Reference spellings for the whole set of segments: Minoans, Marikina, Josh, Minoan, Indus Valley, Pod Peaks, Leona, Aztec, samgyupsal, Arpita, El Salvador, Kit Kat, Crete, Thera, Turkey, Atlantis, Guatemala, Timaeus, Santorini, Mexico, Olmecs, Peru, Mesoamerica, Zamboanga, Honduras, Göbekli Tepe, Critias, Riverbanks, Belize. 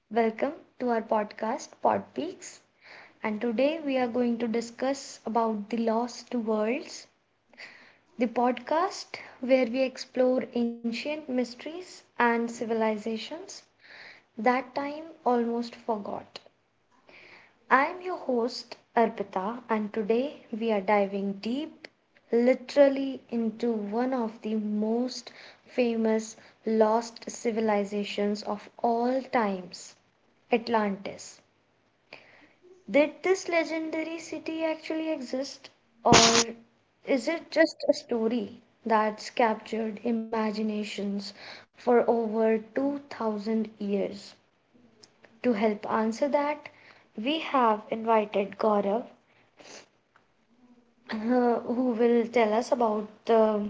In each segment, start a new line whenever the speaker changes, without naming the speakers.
Welcome to our podcast Pod Peaks, and today we are going to discuss about the lost worlds, the podcast where we explore ancient mysteries and civilizations that time almost forgot. I am your host Arpita, and today we are diving deep, literally, into one of the most famous lost civilizations of all times, Atlantis. Did this legendary city actually exist, or is it just a story that's captured imaginations for over 2000 years? To help answer that, we have invited Gaurav, who will tell us about the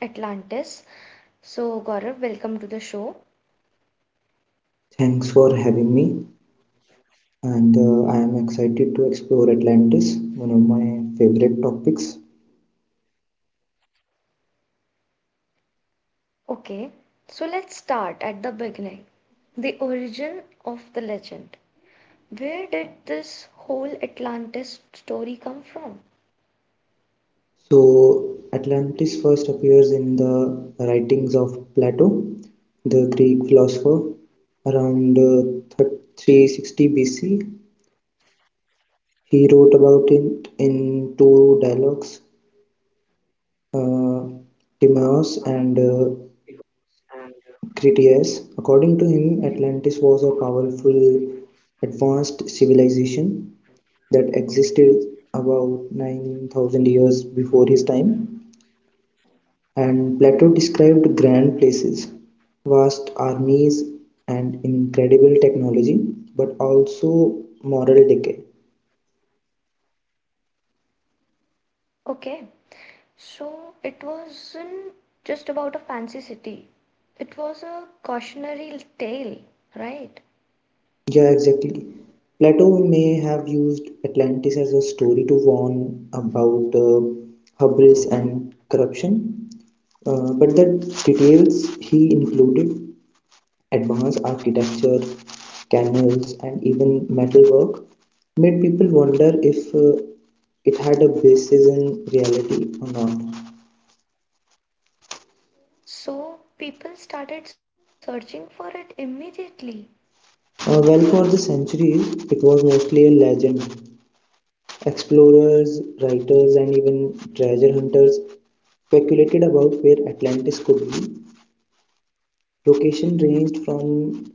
Atlantis. So, Gaurav, welcome to the show.
Thanks for having me, and I am excited to explore Atlantis, one of my favorite topics.
Okay, so let's start at the beginning, the origin of the legend. Where did this whole Atlantis story come from?
So, Atlantis first appears in the writings of Plato, the Greek philosopher, around 360 BC. He wrote about it in two dialogues, uh, Timaeus
Uh,
and
because and
Critias. According to him, Atlantis was a powerful, advanced civilization that existed about 9,000 years before his time. And Plato described grand places, vast armies, and incredible technology, but also moral decay.
Okay, so it wasn't just about a fancy city, it was a cautionary tale, right?
Yeah, exactly. Plato may have used Atlantis as a story to warn about hubris and corruption, but the details he included advanced architecture, canals, and even metalwork made people wonder if it had a basis in reality or not.
So people started searching for it immediately.
Well, for the centuries, it was mostly a legend. Explorers, writers, and even treasure hunters speculated about where Atlantis could be. Location ranged from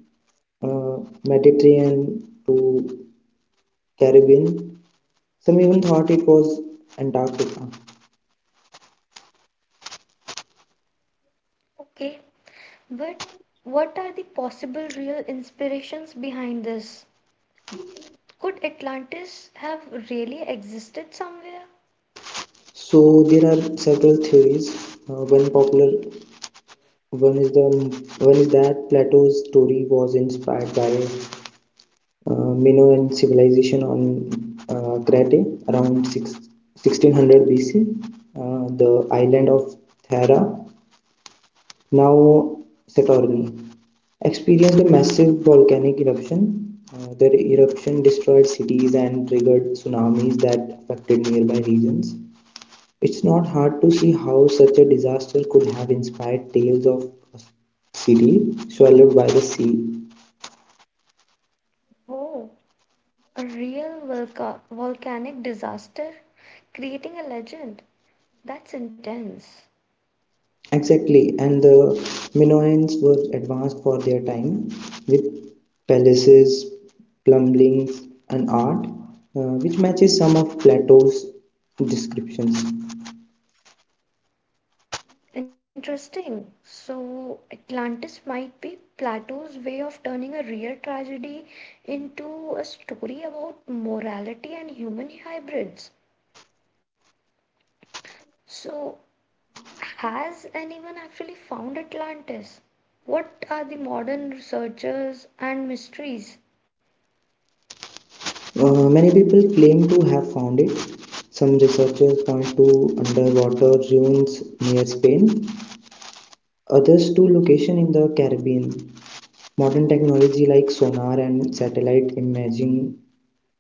uh, Mediterranean to Caribbean. Some even thought it was Antarctica.
Okay, but what are the possible real inspirations behind this? Could Atlantis have really existed somewhere?
So there are several theories. One popular one is that Plato's story was inspired by Minoan civilization on Crete around 1600 BC. The island of Thera, now Santorini, experienced a massive volcanic eruption. The eruption destroyed cities and triggered tsunamis that affected nearby regions. It's not hard to see how such a disaster could have inspired tales of a city swallowed by the sea.
Oh, a real volcanic disaster? Creating a legend? That's intense.
Exactly, and the Minoans were advanced for their time with palaces, plumbings, and art, which matches some of Plato's descriptions.
Interesting. So, Atlantis might be Plato's way of turning a real tragedy into a story about morality and human hybrids. So, has anyone actually found Atlantis? What are the modern researchers and mysteries?
Many people claim to have found it. Some researchers point to underwater ruins near Spain, others to location in the Caribbean. Modern technology like sonar and satellite imaging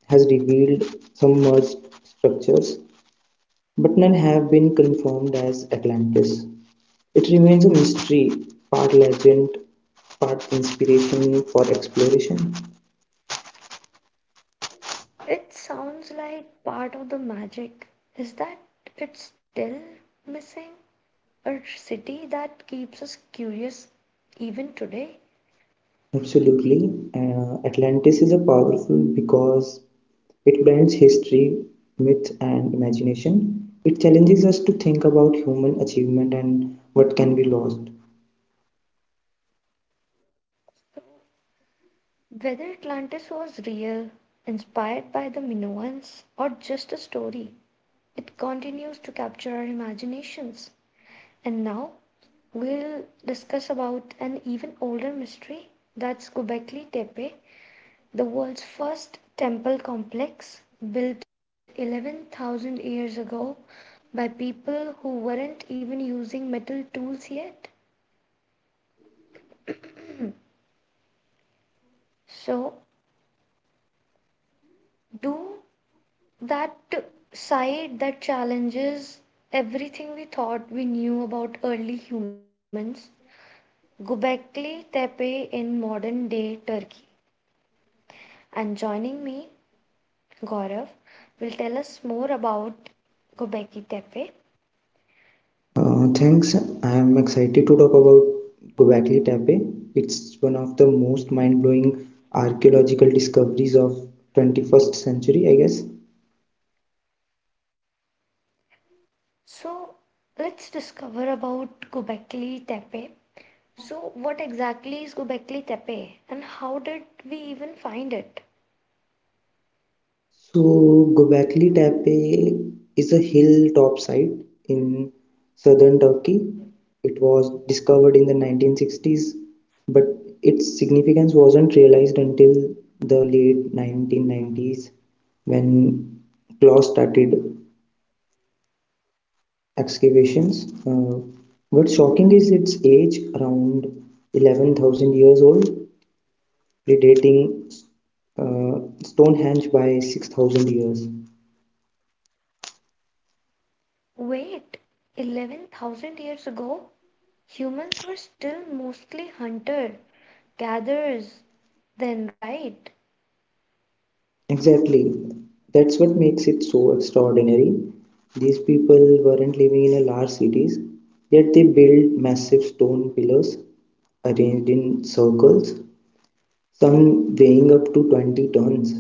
has revealed some merged structures, but none have been confirmed as Atlantis. It remains a mystery, part legend, part inspiration for exploration.
It sounds like part of the magic is that it's still missing, a city that keeps us curious even today.
Absolutely, Atlantis is a powerful because it blends history, myth, and imagination. It challenges us to think about human achievement and what can be lost.
So, whether Atlantis was real, inspired by the Minoans, or just a story, it continues to capture our imaginations. And now we'll discuss about an even older mystery, that's Göbekli Tepe, the world's first temple complex, built 11,000 years ago by people who weren't even using metal tools yet. So, do that side that challenges everything we thought we knew about early humans, Göbekli Tepe in modern day Turkey. And joining me, Gaurav will tell us more about Gobekli Tepe.
Thanks. I am excited to talk about Göbekli Tepe. It's one of the most mind-blowing archaeological discoveries of 21st century, I guess.
So let's discover about Göbekli Tepe. So what exactly is Göbekli Tepe, and how did we even find it?
So Göbekli Tepe is a hilltop site in southern Turkey. It was discovered in the 1960s, but its significance wasn't realized until the late 1990s when claws started excavations. What's shocking is its age, around 11,000 years old, predating Stonehenge by 6,000 years.
Wait, 11,000 years ago, humans were still mostly hunter gatherers then, right?
Exactly. That's what makes it so extraordinary. These people weren't living in a large cities, yet they built massive stone pillars arranged in circles, some weighing up to 20 tons,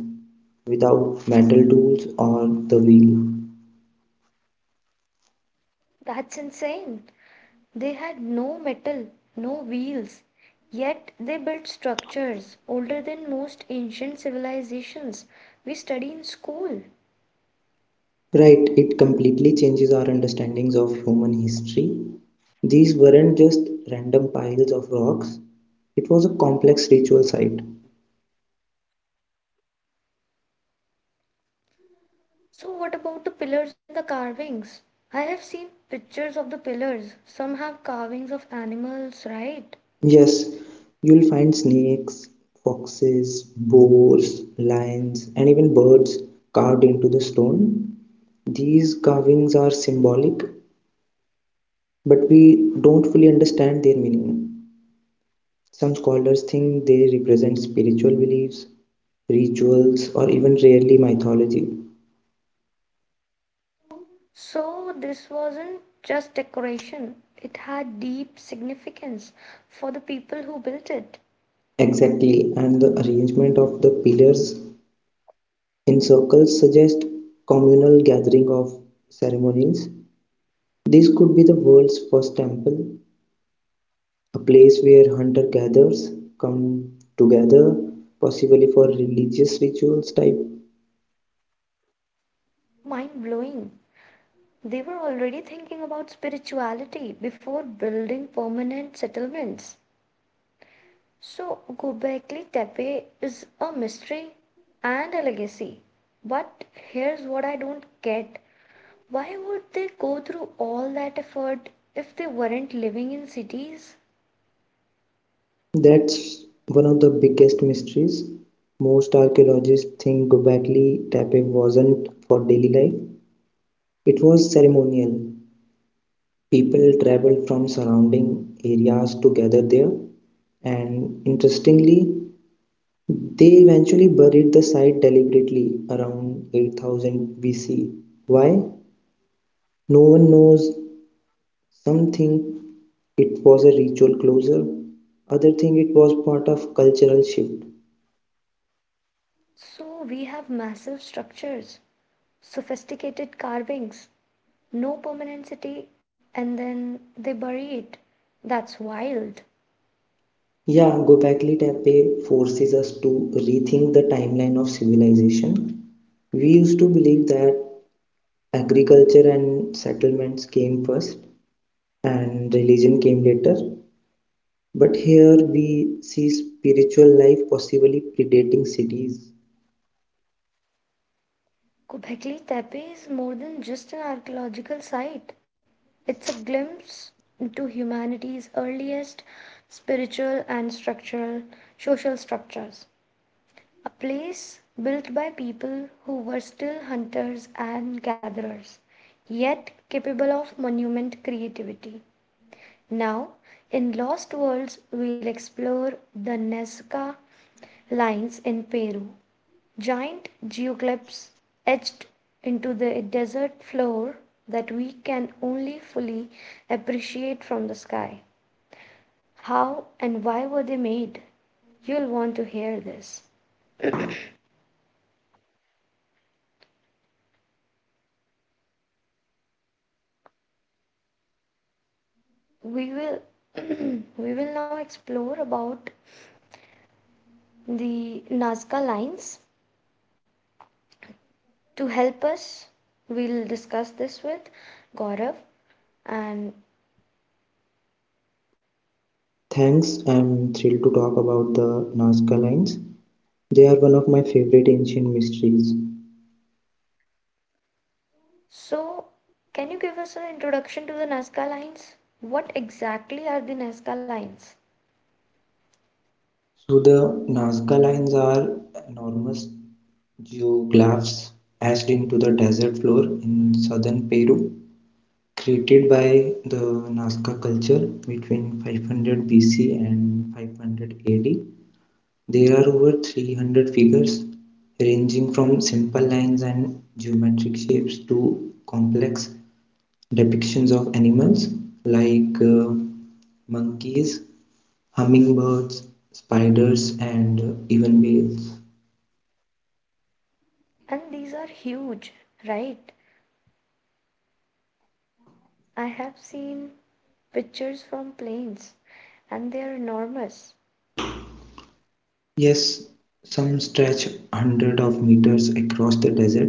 without metal tools or the wheel.
That's insane. They had no metal, no wheels, yet they built structures older than most ancient civilizations we study in school.
Right, it completely changes our understandings of human history. These weren't just random piles of rocks, it was a complex ritual site.
So, what about the pillars and the carvings? I have seen pictures of the pillars. Some have carvings of animals, right?
Yes, you'll find snakes, foxes, boars, lions, and even birds carved into the stone. These carvings are symbolic, but we don't fully understand their meaning. Some scholars think they represent spiritual beliefs, rituals, or even rarely mythology.
So, this wasn't just decoration, it had deep significance for the people who built it.
Exactly, and the arrangement of the pillars in circles suggest communal gathering of ceremonies. This could be the world's first temple, a place where hunter-gatherers come together, possibly for religious rituals type.
Mind blowing. They were already thinking about spirituality before building permanent settlements. So, Göbekli Tepe is a mystery and a legacy. But here's what I don't get. Why would they go through all that effort if they weren't living in cities?
That's one of the biggest mysteries. Most archaeologists think Gobekli Tepe wasn't for daily life. It was ceremonial. People traveled from surrounding areas to gather there, and interestingly, they eventually buried the site deliberately around 8000 BC. Why? No one knows. Some think it was a ritual closure, other think it was part of cultural shift.
So, we have massive structures, sophisticated carvings, no permanent city, and then they bury it. That's wild.
Yeah, Gobekli Tepe forces us to rethink the timeline of civilization. We used to believe that agriculture and settlements came first, and religion came later. But here we see spiritual life possibly predating cities.
Göbekli Tepe is more than just an archaeological site. It's a glimpse into humanity's earliest spiritual and structural social structures. A place built by people who were still hunters and gatherers, yet capable of monument creativity. Now, in Lost Worlds, we'll explore the Nazca lines in Peru. Giant geoglyphs etched into the desert floor that we can only fully appreciate from the sky. How and why were they made? You'll want to hear this. We will we will now explore about the Nazca lines. To help us, we'll discuss this with Gaurav and
Thanks, I'm thrilled to talk about the Nazca lines. They are one of my favorite ancient mysteries.
So, can you give us an introduction to the Nazca lines? What exactly are the Nazca lines?
So, the Nazca lines are enormous geoglyphs etched into the desert floor in southern Peru, created by the Nazca culture between 500 BC and 500 AD. There are over 300 figures, ranging from simple lines and geometric shapes to complex depictions of animals like monkeys, hummingbirds, spiders, and even whales.
And these are huge, right? I have seen pictures from planes, and they are enormous,
Yes, some stretch hundreds of meters across the desert.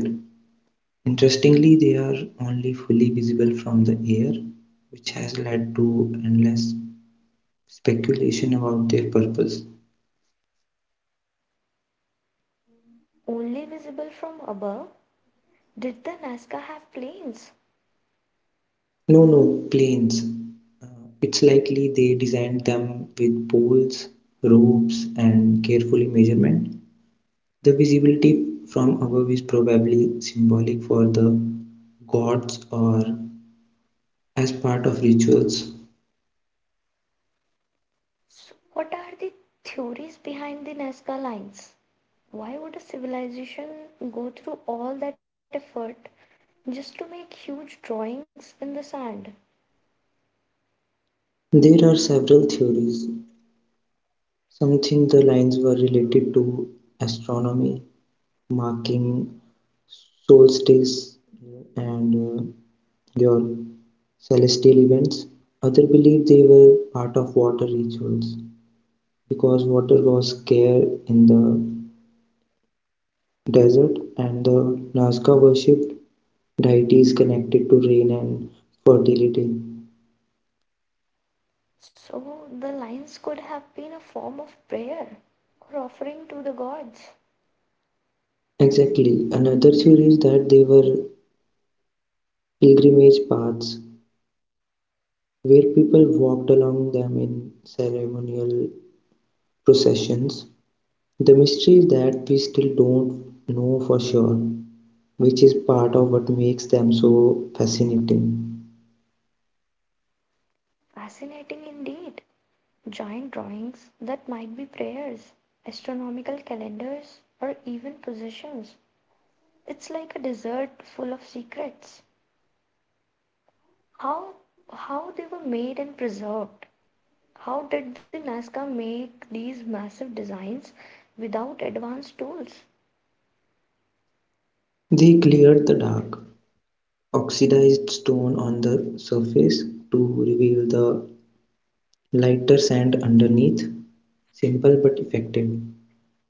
Interestingly, they are only fully visible from the air, which has led to endless speculation about their purpose.
only visible from above. Did the Nazca have planes?
No, no, planes. Uh, it's likely they designed them with poles, ropes, and carefully measurement. The visibility from above is probably symbolic for the gods or as part of rituals.
So what are the theories behind the Nazca lines? Why would a civilization go through all that effort just to make huge drawings in the sand?
There are several theories. Some think the lines were related to astronomy, marking solstice and uh, your celestial events. Others believe they were part of water rituals because water was scarce in the desert and the Nazca worshipped deities connected to rain and fertility.
So the lines could have been a form of prayer or offering to the gods.
Exactly. Another theory is that they were pilgrimage paths where people walked along them in ceremonial processions. The mystery is that we still don't know for sure, which is part of what makes them so fascinating.
Fascinating indeed. Giant drawings that might be prayers, astronomical calendars, or even positions. It's like a desert full of secrets. How how they were made and preserved. How did the Nazca make these massive designs without advanced tools?
They cleared the dark, oxidized stone on the surface to reveal the lighter sand underneath, simple but effective.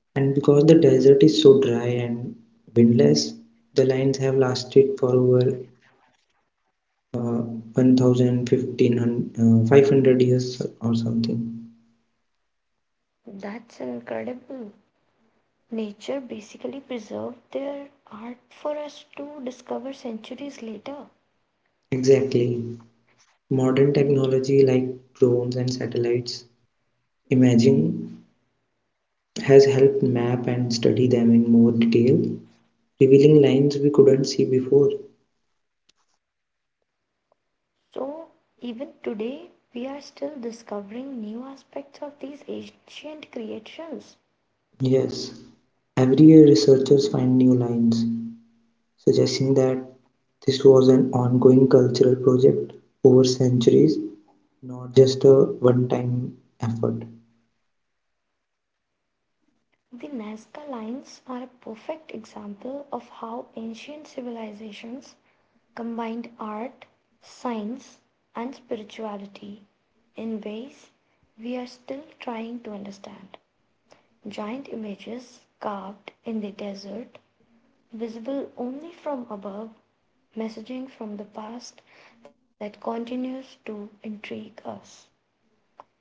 And because the desert is so dry and windless, the lines have lasted for over 1500 years or something.
That's incredible. Nature basically preserved their art for us to discover centuries later.
Exactly. Modern technology like drones and satellites imaging has helped map and study them in more detail, revealing lines we couldn't see before.
So, even today, we are still discovering new aspects of these ancient creations.
Yes, every year researchers find new lines, suggesting that this was an ongoing cultural project over centuries, not just a one time effort.
The Nazca lines are a perfect example of how ancient civilizations combined art, science, and spirituality in ways we are still trying to understand. Giant images carved in the desert, visible only from above, messaging from the past that continues to intrigue us.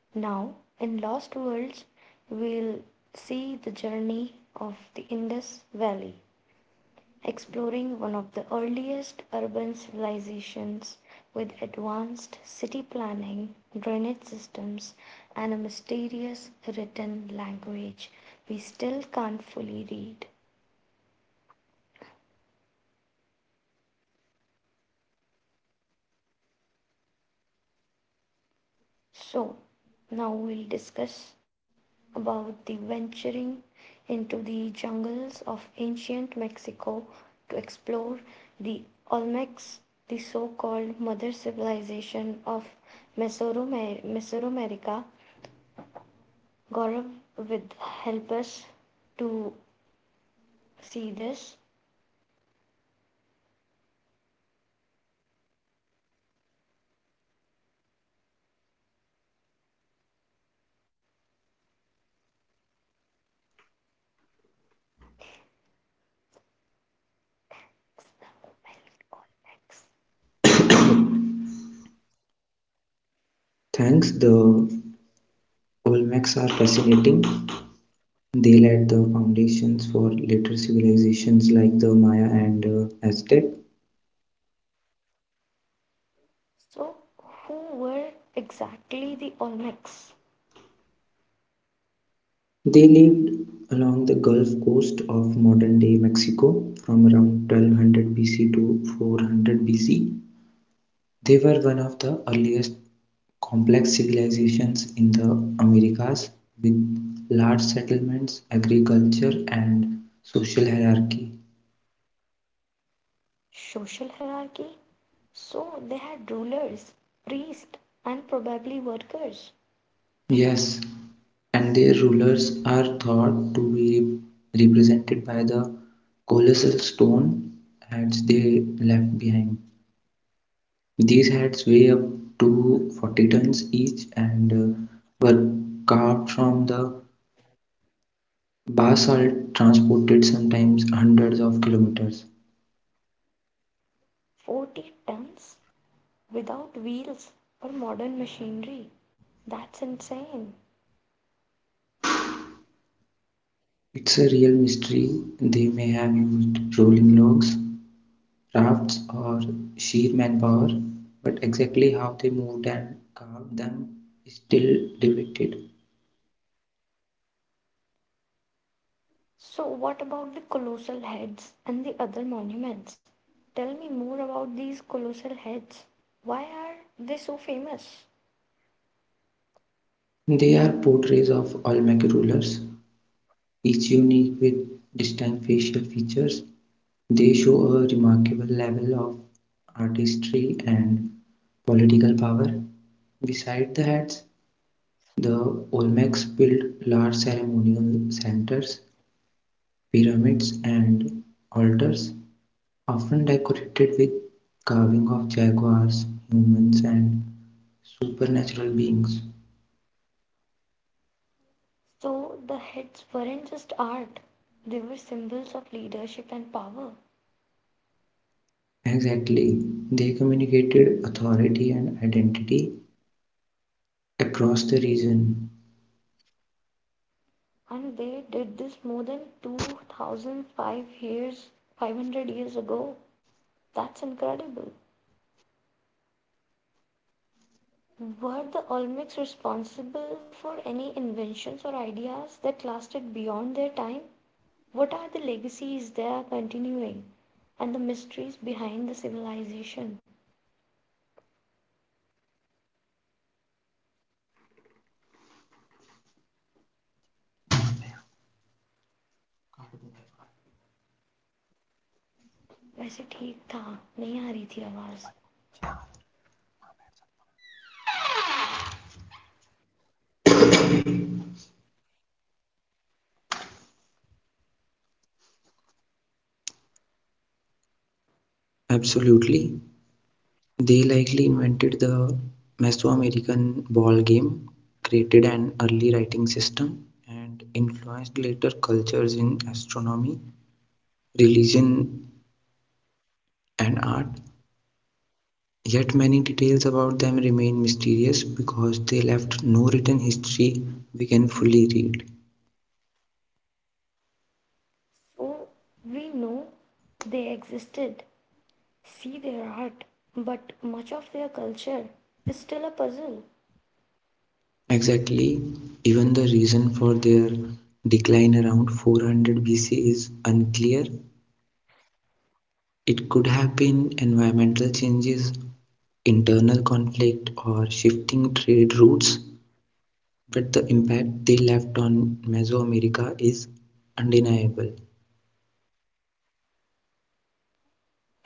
Now, in Lost Worlds, we'll see the journey of the Indus Valley, exploring one of the earliest urban civilizations with advanced city planning, drainage systems, and a mysterious written language we still can't fully read. So, now we'll discuss about the venturing into the jungles of ancient Mexico to explore the Olmecs, the so called mother civilization of Mesoamerica. Gaurav will help us to see this. Olmecs.
Thanks, the Olmecs are fascinating. They laid the foundations for later civilizations like the Maya and Aztec.
So, who were exactly the Olmecs?
They lived along the Gulf Coast of modern-day Mexico from around 1200 BC to 400 BC. They were one of the earliest complex civilizations in the Americas, with large settlements, agriculture, and social hierarchy.
Social hierarchy. So they had rulers, priests, and probably workers.
Yes, and their rulers are thought to be represented by the colossal stone heads they left behind. These heads weigh up to 40 tons each and were carved from the basalt transported sometimes hundreds of kilometers.
40 tons, without wheels or modern machinery. That's insane.
It's a real mystery. They may have used rolling logs, rafts, or sheer manpower, but exactly how they moved and carved them is still debated.
So, what about the colossal heads and the other monuments? Tell me more about these colossal heads. Why are they so famous?
They are portraits of Olmec rulers, each unique with distinct facial features. They show a remarkable level of artistry and political power. Beside the heads, the Olmecs built large ceremonial centers, pyramids, and altars, often decorated with carving of jaguars, humans, and supernatural beings.
So, the heads weren't just art, they were symbols of leadership and power.
Exactly, they communicated authority and identity across the region.
And they did this more than 2005 years, 500 years ago. That's incredible. Were the olmecs responsible for any inventions or ideas that lasted beyond their time? What are the legacies they are continuing, and the mysteries behind the civilization? वैसे ठीक था, नहीं आ रही थी आवाज।
Absolutely. They likely invented the Mesoamerican ball game, created an early writing system, and influenced later cultures in astronomy, religion, and art. Yet many details about them remain mysterious because they left no written history we can fully read.
So we know they existed, see their art, but much of their culture is still a puzzle.
Exactly, even the reason for their decline around 400 BC is unclear. It could have been environmental changes, internal conflict, or shifting trade routes, but the impact they left on Mesoamerica is undeniable.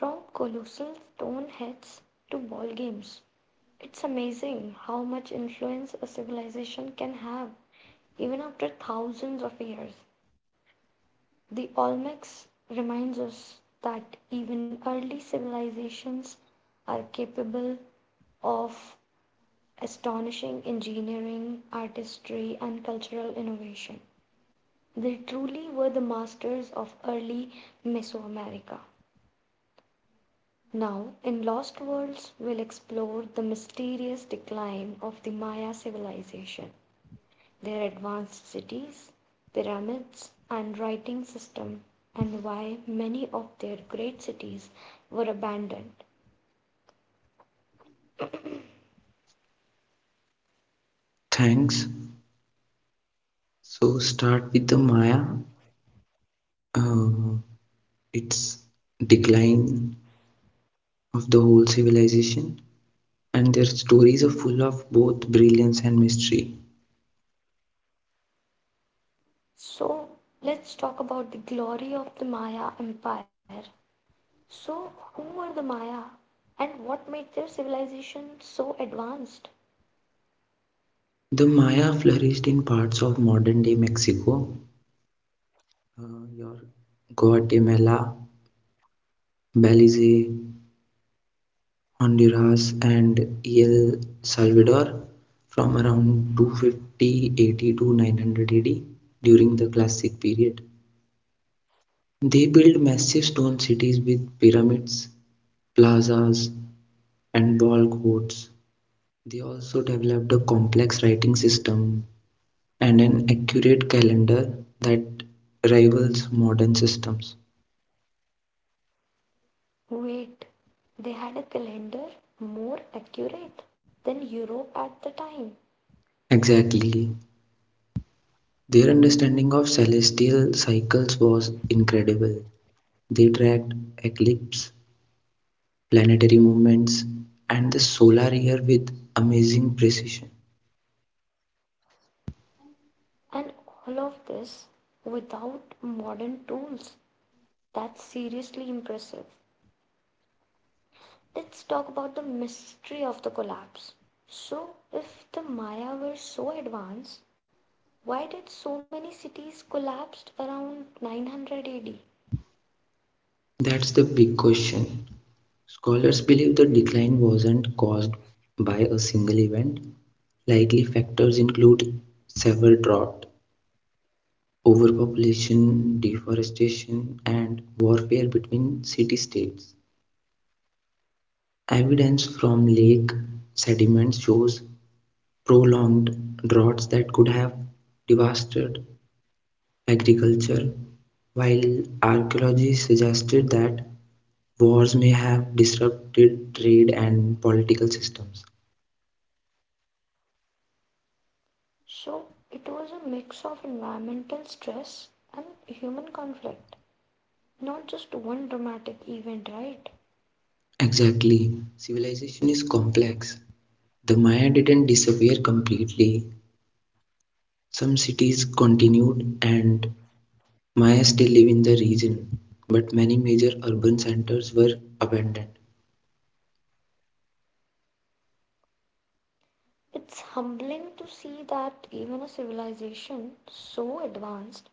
From colossal stone heads to ball games, it's amazing how much influence a civilization can have even after thousands of years. The Olmecs reminds us that even early civilizations are capable of astonishing engineering, artistry, and cultural innovation. They truly were the masters of early Mesoamerica. Now, in Lost Worlds, we'll explore the mysterious decline of the Maya civilization, their advanced cities, pyramids, and writing system, and why many of their great cities were abandoned.
Thanks. So, start with the Maya, uh, its decline of the whole civilization, and their stories are full of both brilliance and mystery.
So, let's talk about the glory of the Maya Empire. So, who were the Maya, and what made their civilization so advanced?
The Maya flourished in parts of modern day Mexico, uh, your Guatemala, Belize, Honduras and El Salvador from around 250 AD to 900 AD during the Classic period. They built massive stone cities with pyramids, plazas, and ball courts. They also developed a complex writing system and an accurate calendar that rivals modern systems.
Wait, they had a calendar more accurate than Europe at the time.
Exactly. Their understanding of celestial cycles was incredible. They tracked eclipse planetary movements, and the solar year with amazing precision.
And all of this without modern tools. That's seriously impressive. Let's talk about the mystery of the collapse. So, if the Maya were so advanced, why did so many cities collapse around 900 AD?
That's the big question. Scholars believe the decline wasn't caused by a single event. Likely factors include severe drought, overpopulation, deforestation, and warfare between city states. Evidence from lake sediments shows prolonged droughts that could have devastated agriculture, while archaeology suggested that wars may have disrupted trade and political systems.
So, it was a mix of environmental stress and human conflict, not just one dramatic event, right?
Exactly. Civilization is complex. The Maya didn't disappear completely. Some cities continued, and Maya still live in the region, but many major urban centers were abandoned.
It's humbling to see that even a civilization so advanced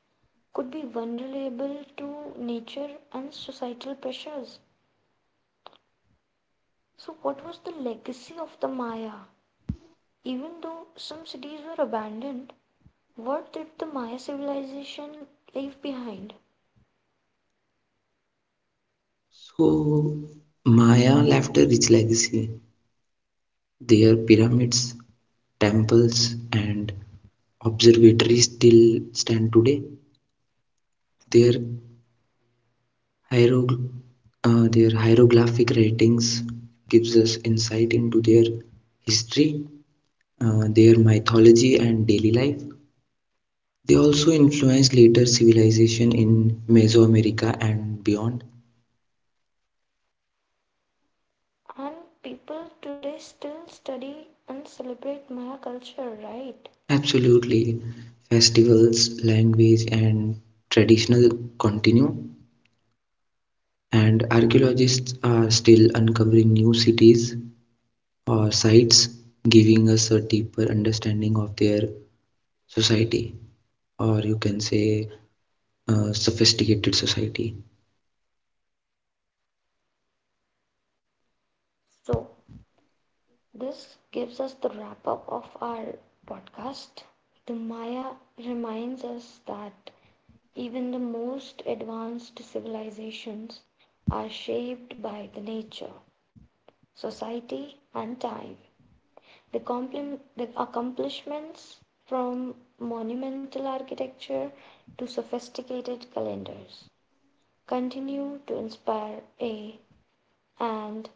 could be vulnerable to nature and societal pressures. So, what was the legacy of the Maya? Even though some cities were abandoned, what did the Maya civilization leave behind?
So, Maya left a rich legacy. Their pyramids, temples and observatories still stand today. Their hierog- their hieroglyphic writings gives us insight into their history, their mythology and daily life. They also influenced later civilization in Mesoamerica and beyond.
And people today still study and celebrate Maya culture, right?
Absolutely, festivals, language and traditional continue. And archaeologists are still uncovering new cities or sites, giving us a deeper understanding of their society, or you can say, sophisticated society.
So, this gives us the wrap up of our podcast. The Maya reminds us that even the most advanced civilizations are shaped by the nature, society, and time. The accomplishments from monumental architecture to sophisticated calendars continue to inspire a and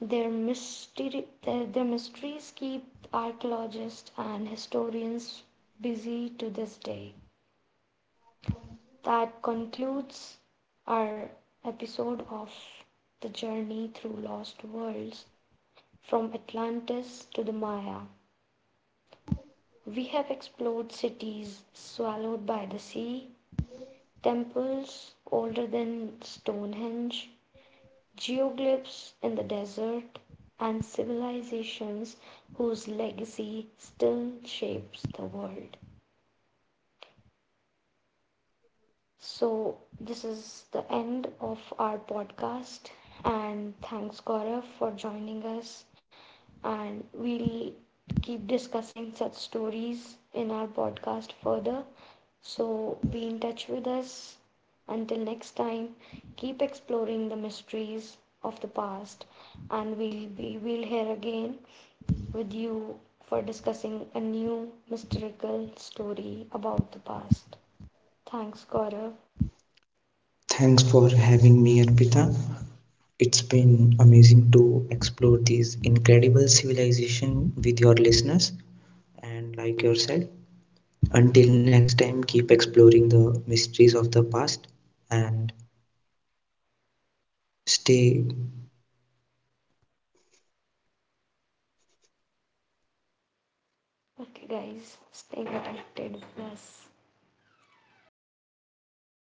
their mysteries keep archaeologists and historians busy to this day. That concludes our episode of the journey through lost worlds, from Atlantis to the Maya. We have explored cities swallowed by the sea, temples older than Stonehenge, geoglyphs in the desert, and civilizations whose legacy still shapes the world. So, this is the end of our podcast, and thanks, Gaurav, for joining us, and we'll keep discussing such stories in our podcast further. So be in touch with us. Until next time, keep exploring the mysteries of the past, and we'll be we'll hear again with you for discussing a new mystical story about the past. Thanks, Gaurav.
Thanks for having me, Arpita. It's been amazing to explore these incredible civilization with your listeners and like yourself. Until next time, keep exploring the mysteries of the past and stay
Okay, guys, stay connected with us.